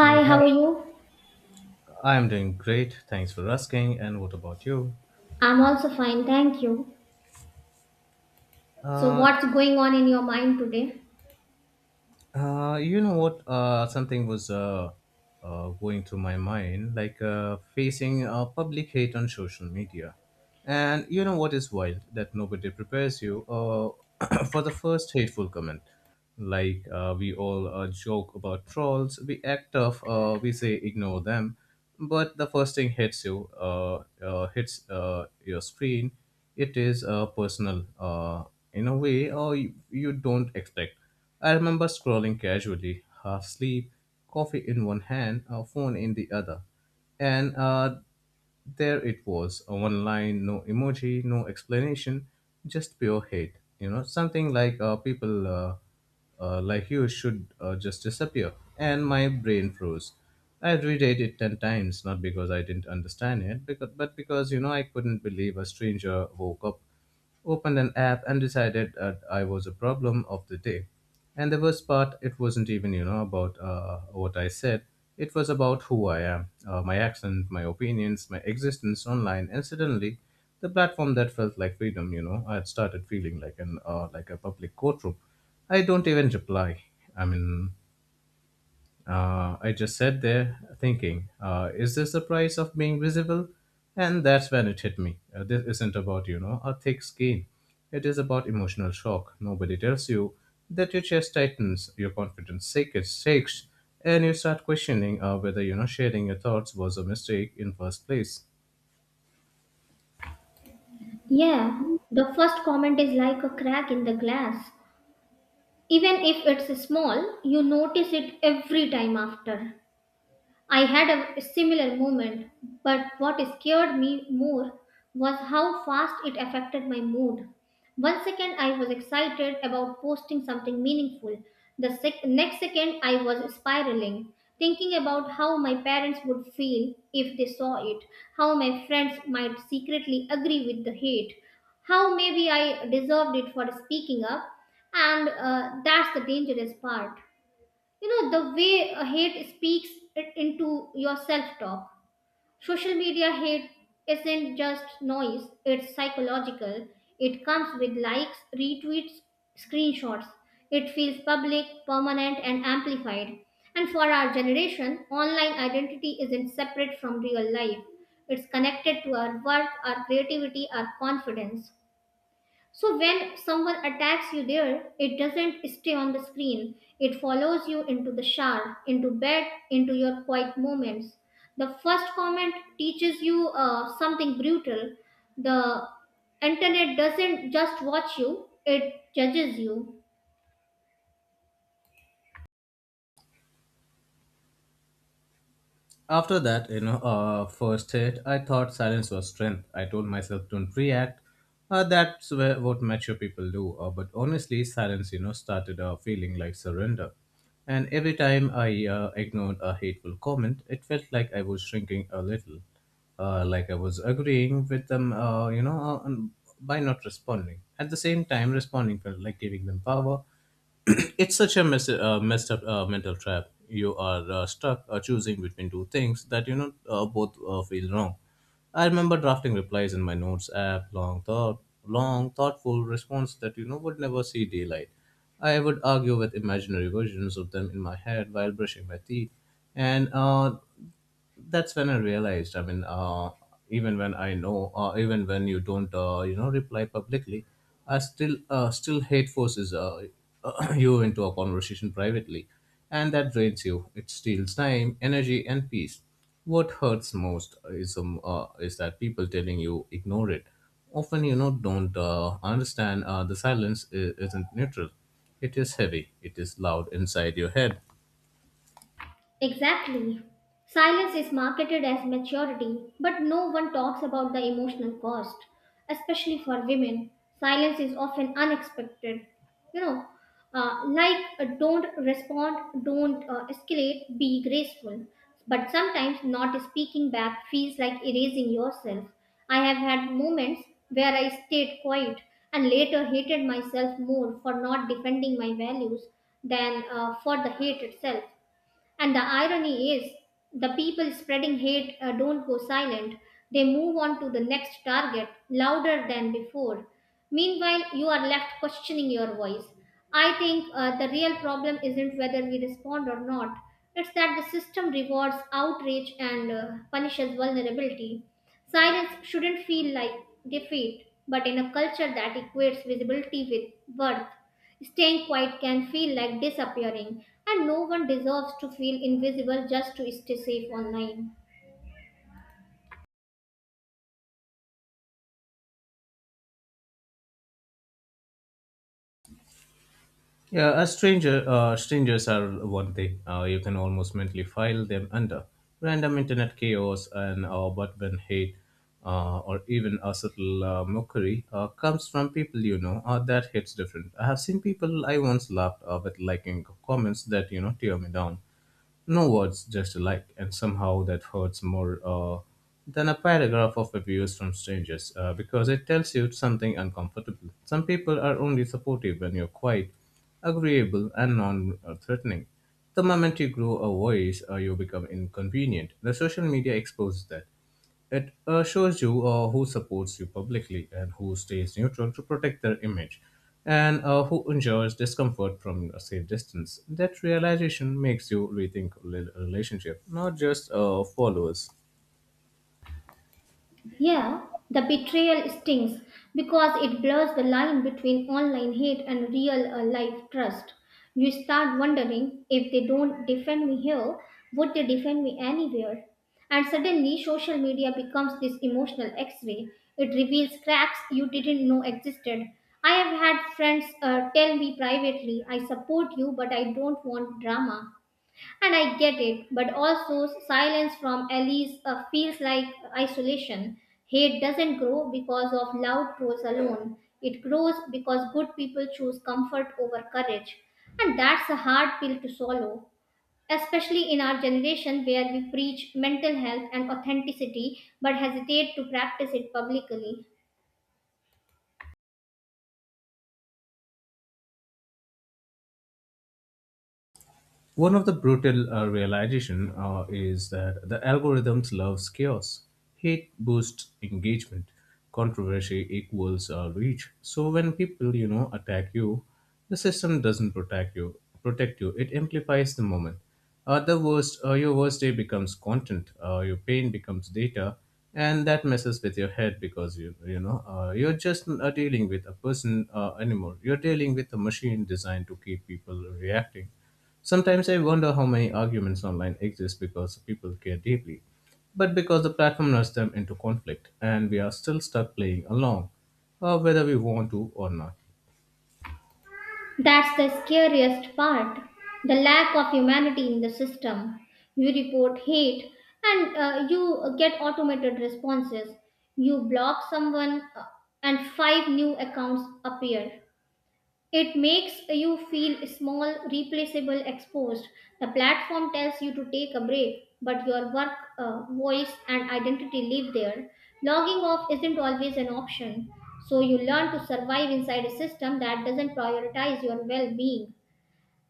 Hey, how are hi. you? I'm doing great. Thanks for asking. And what about you? I'm also fine, thank you. So, Uh, what's going on in your mind today? You know what? Something was going through my mind, like facing public hate on social media. And you know what is wild? That nobody prepares you for the first hateful comment. Like we all joke about trolls, we act tough, we say ignore them, but the first thing hits you, hits your screen. It is personal in a way, or you don't expect. I remember scrolling casually, half asleep, coffee in one hand, a phone in the other. And there it was a one line, no emoji, no explanation, just pure hate. You know, something like people like you should just disappear. And my brain froze. I reread it 10 times, not because I didn't understand it, but because, you know, I couldn't believe a stranger woke up, opened an app and decided that I was a problem of the day. And the worst part, it wasn't even, you know, about what I said. It was about who I am, my accent, my opinions, my existence online. And suddenly, the platform that felt like freedom, you know, I had started feeling like an like a public courtroom. I don't even reply. I mean, I just sat there thinking, is this the price of being visible? And that's when it hit me. This isn't about, you know, a thick skin. It is about emotional shock. Nobody tells you that your chest tightens, your shakes and you start questioning whether, you know, sharing your thoughts was a mistake in first place. Yeah, the first comment is like a crack in the glass. Even if it's small, you notice it every time after. I had a similar moment, but what scared me more was how fast it affected my mood. One second I was excited about posting something meaningful. The next second I was spiraling, thinking about how my parents would feel if they saw it, how my friends might secretly agree with the hate, how maybe I deserved it for speaking up, and that's the dangerous part. You know, the way a hate speaks it into your self talk. Social media hate isn't just noise, it's psychological. It comes with likes, retweets, screenshots. It feels public, permanent and amplified. And for our generation, online identity isn't separate from real life. It's connected to our work, our creativity, our confidence. So when someone attacks you there, it doesn't stay on the screen. It follows you into the shower, into bed, into your quiet moments. The first comment teaches you something brutal. The internet doesn't just watch you, it judges you. After that, you know, first hit, I thought silence was strength. I told myself, don't react. That's where, what mature people do. But honestly, silence, you know, started feeling like surrender. And every time I ignored a hateful comment, it felt like I was shrinking a little. Like I was agreeing with them, by not responding. At the same time, responding felt like giving them power. It's such a messed up mental trap. You are stuck choosing between two things that you know both feel wrong. I remember drafting replies in my notes app, long thoughtful response that you know would never see daylight. I would argue with imaginary versions of them in my head while brushing my teeth, and that's when I realized. I mean, even when you don't, you know, reply publicly, still hate forces you into a conversation privately, and that drains you. It steals time, energy, and peace. What hurts most is that people telling you ignore it. Often, you know, don't understand. The silence isn't neutral. It is heavy. It is loud inside your head. Exactly. Silence is marketed as maturity, but no one talks about the emotional cost, especially for women. Silence is often unexpected. You know, don't respond, don't escalate, be graceful. But sometimes not speaking back feels like erasing yourself. I have had moments where I stayed quiet and later hated myself more for not defending my values than for the hate itself. And the irony is, the people spreading hate don't go silent. They move on to the next target louder than before. Meanwhile, you are left questioning your voice. I think the real problem isn't whether we respond or not, it's that the system rewards outrage and punishes vulnerability. Silence shouldn't feel like defeat, but in a culture that equates visibility with worth, staying quiet can feel like disappearing, and no one deserves to feel invisible just to stay safe online. Yeah, strangers are one thing. You can almost mentally file them under random internet chaos and buttman hate, or even a subtle mockery comes from people you know. That hits different. I have seen people I once laughed with liking comments that you know tear me down. No words, just a like, and somehow that hurts more than a paragraph of abuse from strangers because it tells you something uncomfortable. Some people are only supportive when you're quiet, agreeable, and non threatening. The moment you grow a voice, you become inconvenient. The social media exposes that. It shows you who supports you publicly and who stays neutral to protect their image and who endures discomfort from a safe distance. That realization makes you rethink relationship, not just followers. Yeah, the betrayal stings because it blurs the line between online hate and real life trust. You start wondering, if they don't defend me here, would they defend me anywhere? And suddenly, social media becomes this emotional x ray. It reveals cracks you didn't know existed. I have had friends tell me privately, I support you, but I don't want drama. And I get it, but also silence from Alice feels like isolation. Hate doesn't grow because of loud trolls alone. It grows because good people choose comfort over courage. And that's a hard pill to swallow, especially in our generation where we preach mental health and authenticity but hesitate to practice it publicly. One of the brutal realization is that the algorithms loves chaos. Hate boosts engagement. Controversy equals reach. So when people, you know, attack you, the system doesn't protect you. Protect you. It amplifies the moment. Your worst day becomes content. Your pain becomes data, and that messes with your head because you're just not dealing with a person anymore. You're dealing with a machine designed to keep people reacting. Sometimes I wonder how many arguments online exist because people care deeply, but because the platform nudges them into conflict, and we are still stuck playing along, whether we want to or not. That's the scariest part, the lack of humanity in the system. You report hate and you get automated responses. You block someone and five new accounts appear. It makes you feel small, replaceable, exposed. The platform tells you to take a break, but your work, voice, and identity live there. Logging off isn't always an option, so you learn to survive inside a system that doesn't prioritize your well being.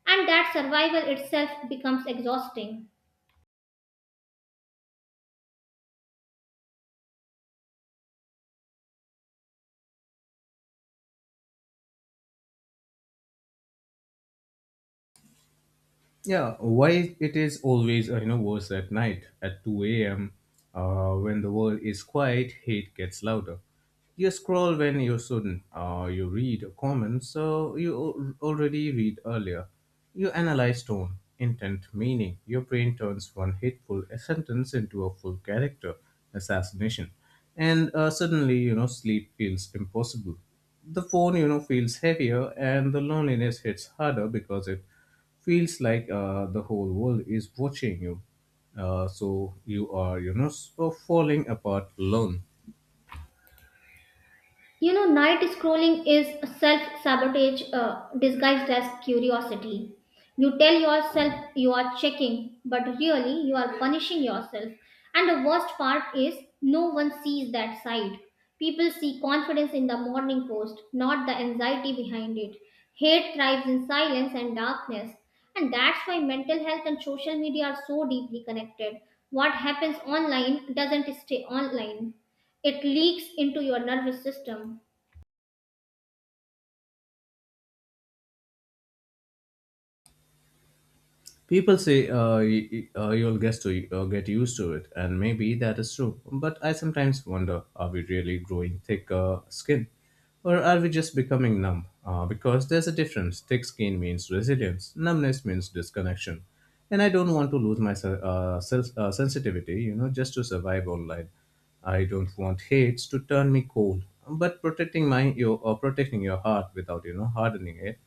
And that survival itself becomes exhausting. Yeah, why it is always you know worse at night at 2 a.m. When the world is quiet, hate gets louder. You scroll when you shouldn't. You read comments, so you already read earlier. You analyze tone, intent, meaning. Your brain turns one hateful sentence into a full character assassination, and suddenly you know sleep feels impossible. The phone you know feels heavier, and the loneliness hits harder because it feels like the whole world is watching you. So you are, you know, so falling apart alone. You know, night scrolling is self sabotage disguised as curiosity. You tell yourself you are checking, but really you are punishing yourself. And the worst part is no one sees that side. People see confidence in the morning post, not the anxiety behind it. Hate thrives in silence and darkness. And that's why mental health and social media are so deeply connected. What happens online doesn't stay online. It leaks into your nervous system. People say you'll get to get used to it, and maybe that is true. But I sometimes wonder: are we really growing thicker skin, or are we just becoming numb? Because there's a difference. Thick skin means resilience. Numbness means disconnection. And I don't want to lose my sensitivity, you know, just to survive online. I don't want hates to turn me cold, but protecting your heart without you know hardening it,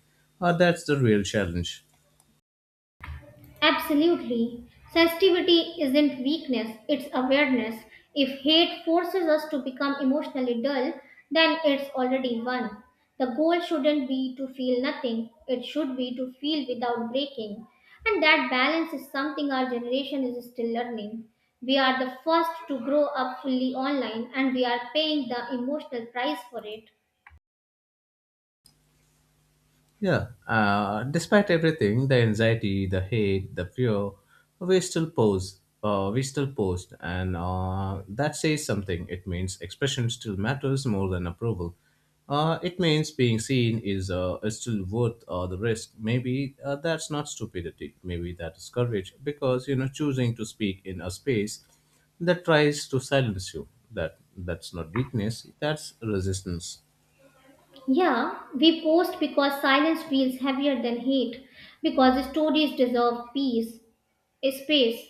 that's the real challenge. Absolutely. Sensitivity isn't weakness, it's awareness. If hate forces us to become emotionally dull, then it's already won. The goal shouldn't be to feel nothing, it should be to feel without breaking. And that balance is something our generation is still learning. We are the first to grow up fully online and we are paying the emotional price for it. Yeah, despite everything, the anxiety, the hate, the fear, we still pose. We still post, and that says something. It means expression still matters more than approval. It means being seen is still worth the risk. Maybe that's not stupidity. Maybe that is courage, because you know choosing to speak in a space that tries to silence you. That's not weakness. That's resistance. Yeah, we post because silence feels heavier than hate, because stories deserve peace, space,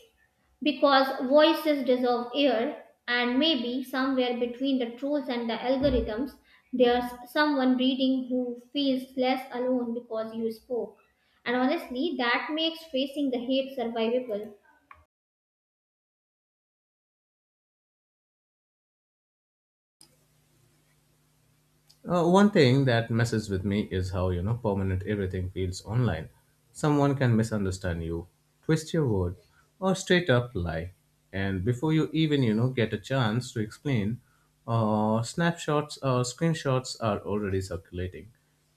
because voices deserve air, and maybe somewhere between the trolls and the algorithms, there's someone reading who feels less alone because you spoke. And honestly, that makes facing the hate survivable. One thing that messes with me is how you know permanent everything feels online. Someone can misunderstand you, twist your word, or straight up lie, and before you even you know get a chance to explain, snapshots or screenshots are already circulating.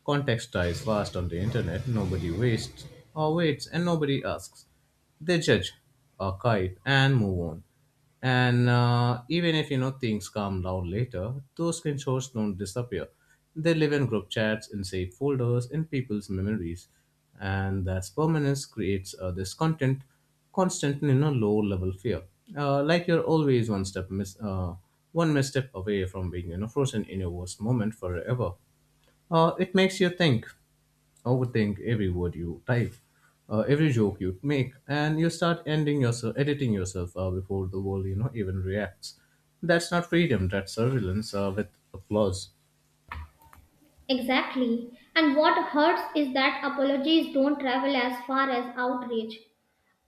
Context dies fast on the internet. Nobody wastes or waits, and nobody asks. They judge, archive, and move on. And even if you know things calm down later, those screenshots don't disappear. They live in group chats, in saved folders, in people's memories, and that's permanence creates this content constant you know low level fear. Like you're always one misstep away from being you know frozen in your worst moment forever. It makes you overthink every word you type, every joke you make, and you start editing yourself before the world you know even reacts. That's not freedom. That's surveillance with applause. Exactly. And what hurts is that apologies don't travel as far as outrage.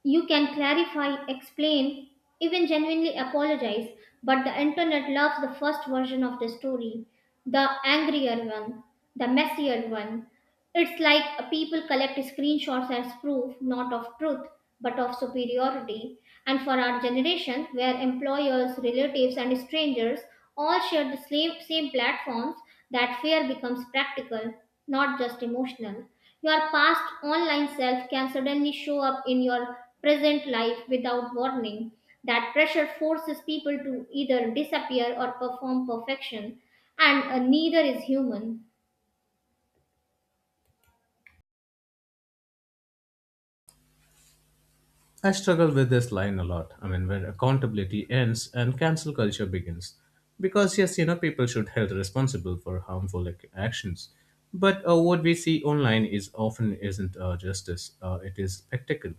You can clarify, explain, even genuinely apologize, but the internet loves the first version of the story, the angrier one, the messier one. It's like people collect screenshots as proof, not of truth, but of superiority. And for our generation, where employers, relatives, and strangers all share the same platforms, that fear becomes practical, not just emotional. Your past online self can suddenly show up in your present life without warning. That pressure forces people to either disappear or perform perfection, and neither is human. I struggle with this line a lot. I mean, where accountability ends and cancel culture begins. Because, yes, you know, people should held responsible for harmful actions. But what we see online is often isn't justice, it is spectacle.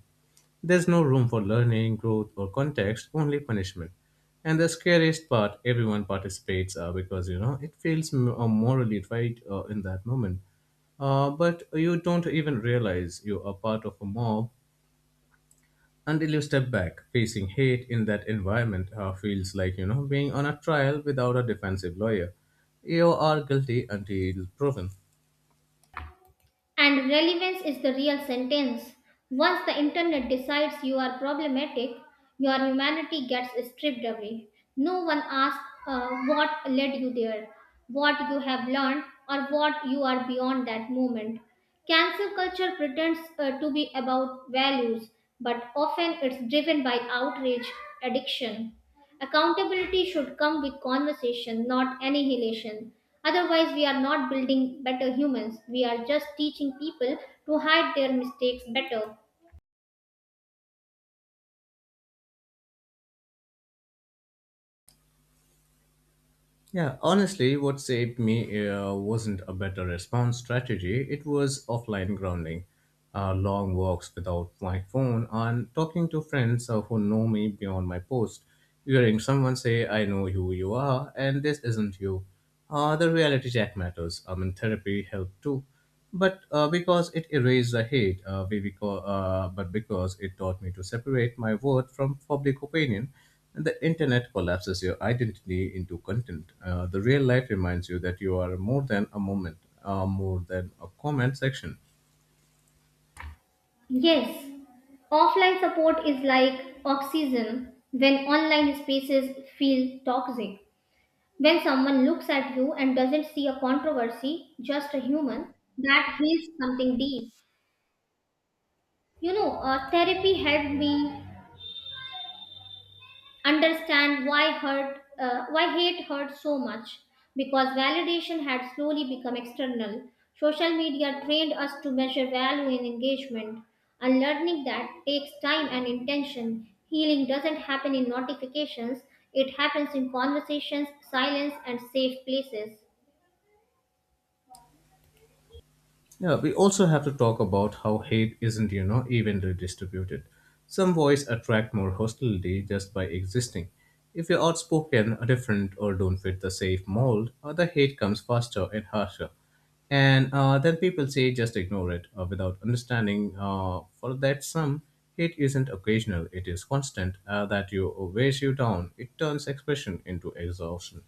There's no room for learning, growth, or context, only punishment. And the scariest part, everyone participates because, you know, it feels morally right in that moment. But you don't even realize you are part of a mob until you step back. Facing hate in that environment feels like you know being on a trial without a defensive lawyer. You are guilty until proven. And relevance is the real sentence. Once the internet decides you are problematic, your humanity gets stripped away. No one asks what led you there, what you have learned, or what you are beyond that moment. Cancel culture pretends to be about values, but often it's driven by outrage, addiction. Accountability should come with conversation, not annihilation. Otherwise, we are not building better humans. We are just teaching people to hide their mistakes better. Yeah, honestly, what saved me wasn't a better response strategy, it was offline grounding, long walks without my phone and talking to friends who know me beyond my post. Hearing someone say I know who you are and this isn't you, the reality check matters. I mean therapy helped too, but because it erased the hate, we because, but because it taught me to separate my word from public opinion, and the internet collapses your identity into content. The real life reminds you that you are more than a moment, more than a comment section. Yes, offline support is like oxygen when online spaces feel toxic. When someone looks at you and doesn't see a controversy, just a human, that heals something deep. You know, therapy helped me understand why hate hurt so much, because validation had slowly become external. Social media trained us to measure value in engagement, and learning that takes time and intention. Healing doesn't happen in notifications, it happens in conversations, silence and safe places. Yeah, we also have to talk about how hate isn't, you know, evenly distributed. Some voices attract more hostility just by existing. If you're outspoken, different, or don't fit the safe mold, the hate comes faster and harsher. And then people say just ignore it without understanding for that some hate isn't occasional, it is constant that you weighs you down. It turns expression into exhaustion.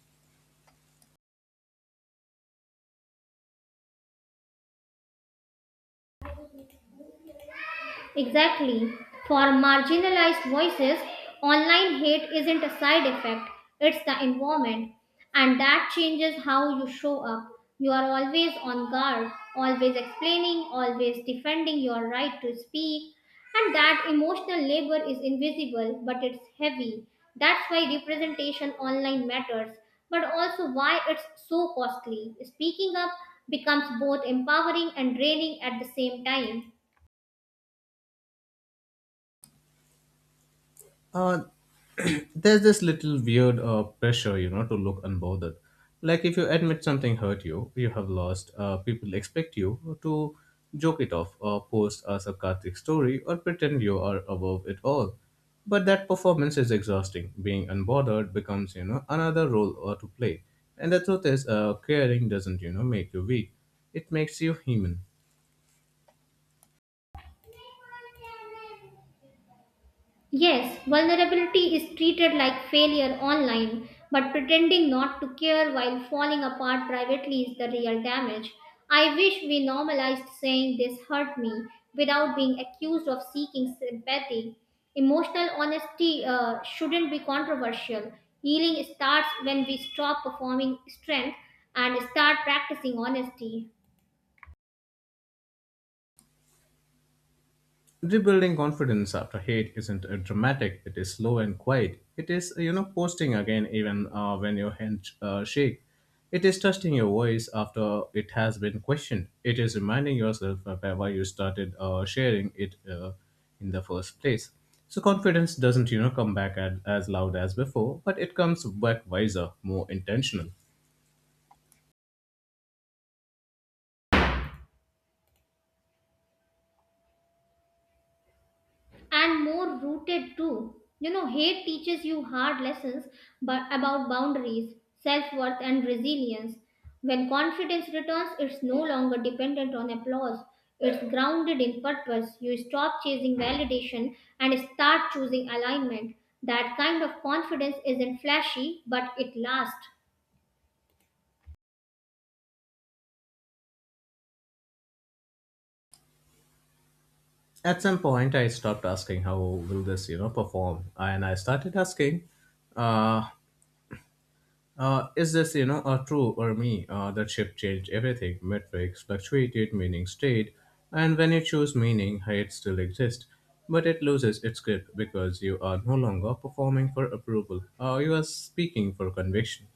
Exactly. For marginalized voices, online hate isn't a side effect, it's the environment. And that changes how you show up. You are always on guard, always explaining, always defending your right to speak. And that emotional labor is invisible, but it's heavy. That's why representation online matters, but also why it's so costly. Speaking up becomes both empowering and draining at the same time. Uh, there's this little weird pressure, you know, to look unbothered. Like if you admit something hurt you, you have lost, people expect you to joke it off or post a sarcastic story or pretend you are above it all. But that performance is exhausting. Being unbothered becomes, another role or to play. And the truth is, caring doesn't make you weak. It makes you human. Yes, vulnerability is treated like failure online, but pretending not to care while falling apart privately is the real damage. I wish we normalized saying this hurt me without being accused of seeking sympathy. Emotional honesty shouldn't be controversial. Healing starts when we stop performing strength and start practicing honesty. Rebuilding confidence after hate isn't dramatic, it is slow and quiet. It is, posting again even when your hands shake. It is trusting your voice after it has been questioned. It is reminding yourself of why you started sharing it in the first place. So confidence doesn't come back at, as loud as before, but it comes back wiser, more intentional. And more rooted too. You know, hate teaches you hard lessons but about boundaries, self-worth and resilience. When confidence returns, it's no longer dependent on applause. It's grounded in purpose. You stop chasing validation and start choosing alignment. That kind of confidence isn't flashy, but it lasts. At some point, I stopped asking how will this perform, and I started asking, uh, is this a true or me? That shift changed everything. Metrics fluctuated, meaning stayed, and when you choose meaning, height still exists, but it loses its grip because you are no longer performing for approval. You are speaking for conviction.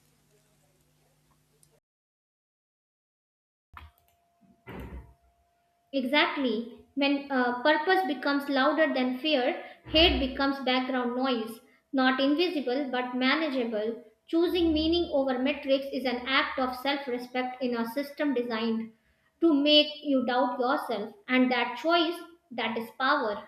Exactly. When purpose becomes louder than fear, hate becomes background noise, not invisible but manageable. Choosing meaning over metrics is an act of self respect in a system designed to make you doubt yourself, and that choice, that is power.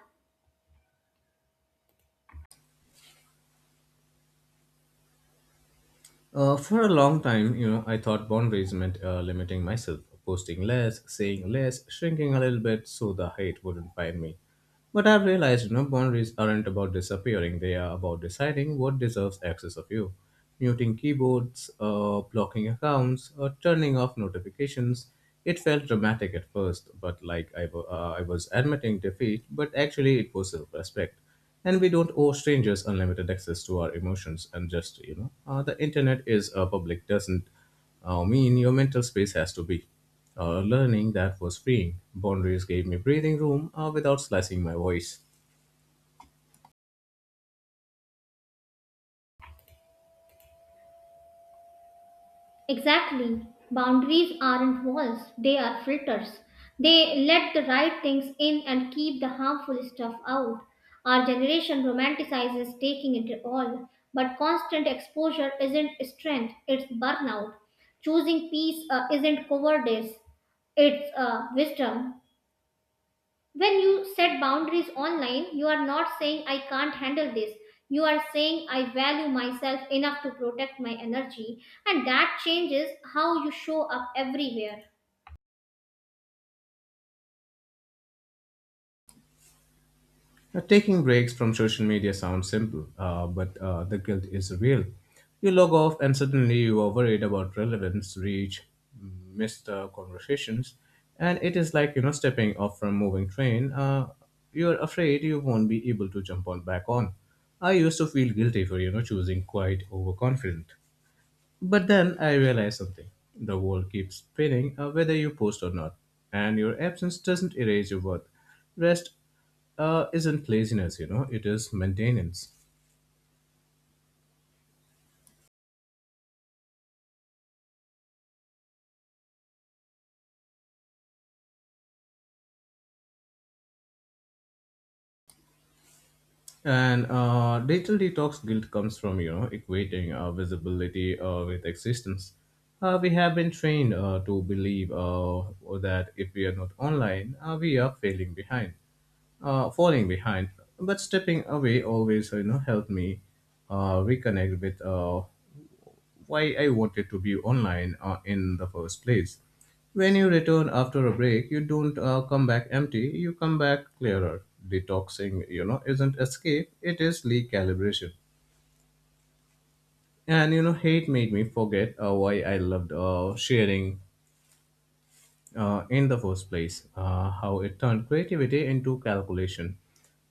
For a long time, I thought boundaries meant limiting myself, posting less, saying less, shrinking a little bit so the hate wouldn't find me. But I've realized, boundaries aren't about disappearing; they are about deciding what deserves access of you. Muting keyboards, blocking accounts, or turning off notifications. It felt dramatic at first, but like I was admitting defeat, but actually it was self-respect and we don't owe strangers unlimited access to our emotions and just the internet is public doesn't mean your mental space has to be learning that was freeing boundaries gave me breathing room without slicing my voice. Exactly. Boundaries aren't walls, they are filters. They let the right things in and keep the harmful stuff out. Our generation romanticizes taking it all, but constant exposure isn't strength, it's burnout. Choosing peace isn't cowardice, it's wisdom. When you set boundaries online, you are not saying I can't handle this. You are saying I value myself enough to protect my energy, and that changes how you show up everywhere. Now, taking breaks from social media sounds simple, but the guilt is real. You log off and suddenly you are worried about relevance, reach, missed conversations, and it is like stepping off from moving train. You are afraid you won't be able to jump on back on. I used to feel guilty for choosing quite overconfident. But then I realized something. The world keeps spinning whether you post or not, and your absence doesn't erase your worth. Rest isn't laziness, it is maintenance. And digital detox guilt comes from equating visibility with existence. We have been trained to believe that if we are not online, we are failing behind, falling behind. But stepping away always, helped me reconnect with why I wanted to be online in the first place. When you return after a break, you don't come back empty, you come back clearer. Detoxing, isn't escape, it is recalibration. And, hate made me forget why I loved sharing in the first place, how it turned creativity into calculation.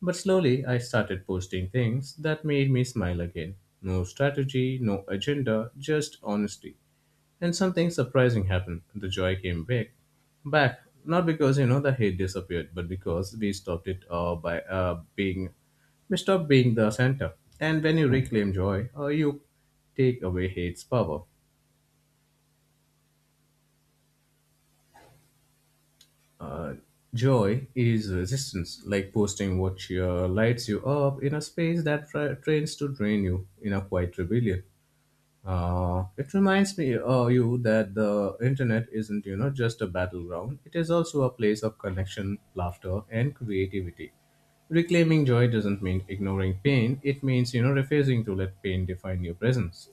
But slowly, I started posting things that made me smile again. No strategy, no agenda, just honesty. And something surprising happened. The joy came back. Back. Not because, the hate disappeared, but because we stopped being the center. And when you reclaim joy, you take away hate's power. Uh, Joy is resistance, like posting what cheer lights you up in a space that trains to drain you in a quiet rebellion. It reminds me you that the internet isn't just a battleground. It is also a place of connection, laughter, and creativity. Reclaiming joy doesn't mean ignoring pain. It means refusing to let pain define your presence.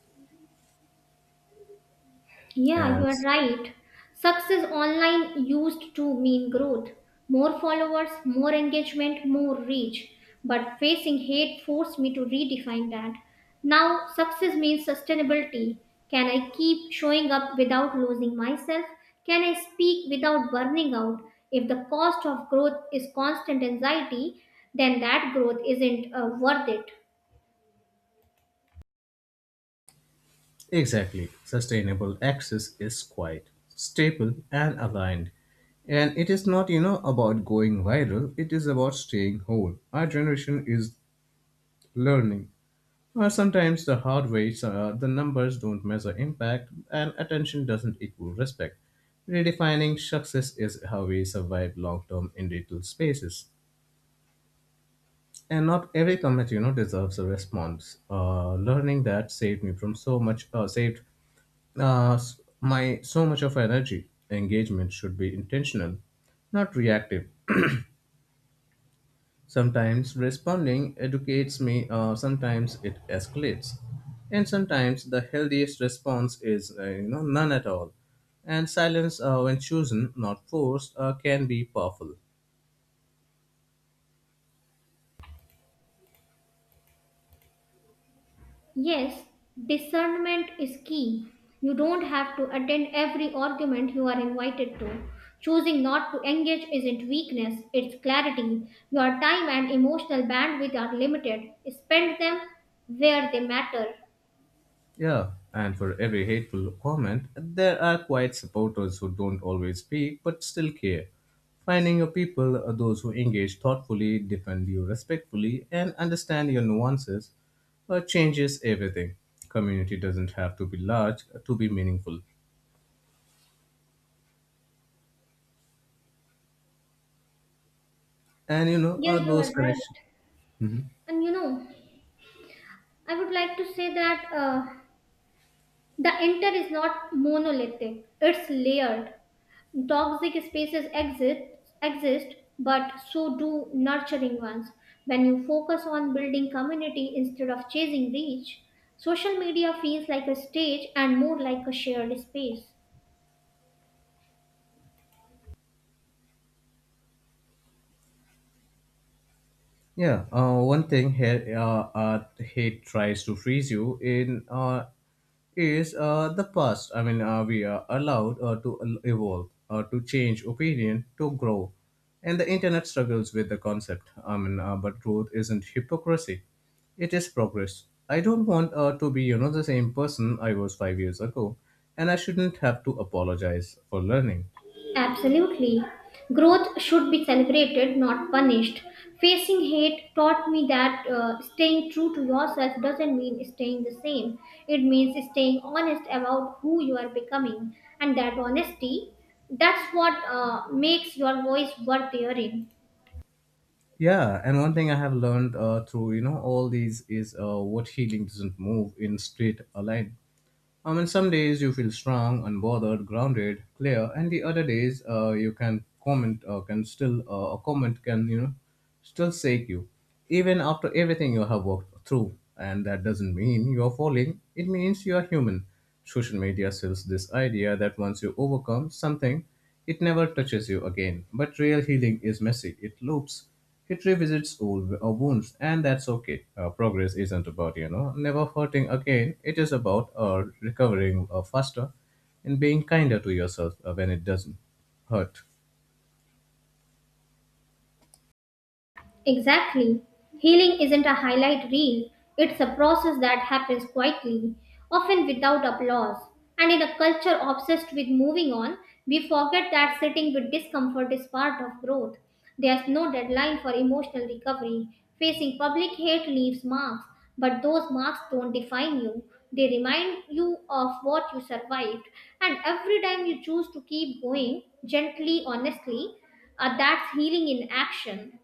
Yeah, you And are right. Success online used to mean growth. More followers, more engagement, more reach. But facing hate forced me to redefine that. Now, success means sustainability. Can I keep showing up without losing myself? Can I speak without burning out? If the cost of growth is constant anxiety, then that growth isn't worth it. exactly, sustainable access is quiet, stable, and aligned. And it is not about going viral. It is about staying whole. Our generation is learning. Sometimes the hard ways are the numbers don't measure impact and attention doesn't equal respect. Redefining success is how we survive long-term in digital spaces. And not every comment, deserves a response. Learning that saved me from so much, my so much of energy. Engagement should be intentional, not reactive. Sometimes responding educates me, sometimes it escalates. And sometimes the healthiest response is none at all. And silence, when chosen, not forced, can be powerful. Yes, discernment is key. You don't have to attend every argument you are invited to. Choosing not to engage isn't weakness, it's clarity. Your time and emotional bandwidth are limited. Spend them where they matter. Yeah, and for every hateful comment, there are quiet supporters who don't always speak but still care. Finding your people are those who engage thoughtfully, defend you respectfully, and understand your nuances changes everything. Community doesn't have to be large to be meaningful. And Yeah, you those are right. connections. And you know, I would like to say that the inter is not monolithic, it's layered. Toxic spaces exist, exist, but so do nurturing ones. When you focus on building community instead of chasing reach, social media feels like a stage and more like a shared space. Yeah, one thing he tries to freeze you in is the past. I mean, we are allowed to evolve, to change opinion, to grow. And the internet struggles with the concept. I mean, but growth isn't hypocrisy, it is progress. I don't want to be, the same person I was 5 years ago, and I shouldn't have to apologize for learning. Absolutely. Growth should be celebrated, not punished. Facing hate taught me that staying true to yourself doesn't mean staying the same. It means staying honest about who you are becoming. And that honesty, that's what makes your voice worth hearing. Yeah, and one thing I have learned through all these is what healing doesn't move in straight a line. I mean, some days you feel strong, unbothered, grounded, clear, and the other days you can comment can still a comment can still shake you, even after everything you have worked through. And that doesn't mean you are falling. It means you are human. Social media sells this idea that once you overcome something, it never touches you again. But real healing is messy. It loops. It revisits old wounds, and that's okay. Progress isn't about, never hurting again. It is about recovering faster and being kinder to yourself when it doesn't hurt. Exactly. Healing isn't a highlight reel, it's a process that happens quietly, often without applause. And in a culture obsessed with moving on, we forget that sitting with discomfort is part of growth. There's no deadline for emotional recovery. Facing public hate leaves marks, but those marks don't define you. They remind you of what you survived. And every time you choose to keep going, gently, honestly, that's healing in action.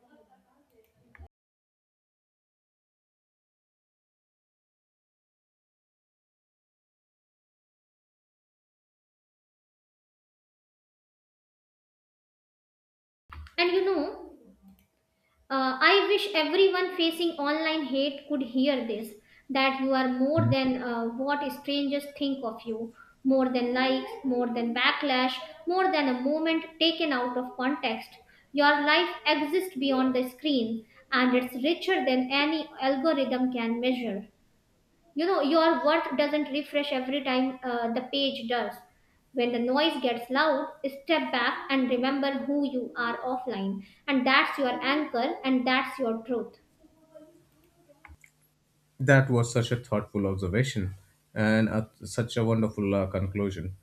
And you know, I wish everyone facing online hate could hear this, that you are more Mhm. than what strangers think of you, more than likes, more than backlash, more than a moment taken out of context. Your life exists beyond the screen and it's richer than any algorithm can measure. You know, your worth doesn't refresh every time the page does. When the noise gets loud, step back and remember who you are offline. And that's your anchor and that's your truth. That was such a thoughtful observation and such a wonderful conclusion.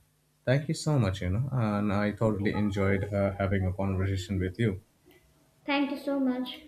Thank you so much, and I thoroughly enjoyed having a conversation with you. Thank you so much.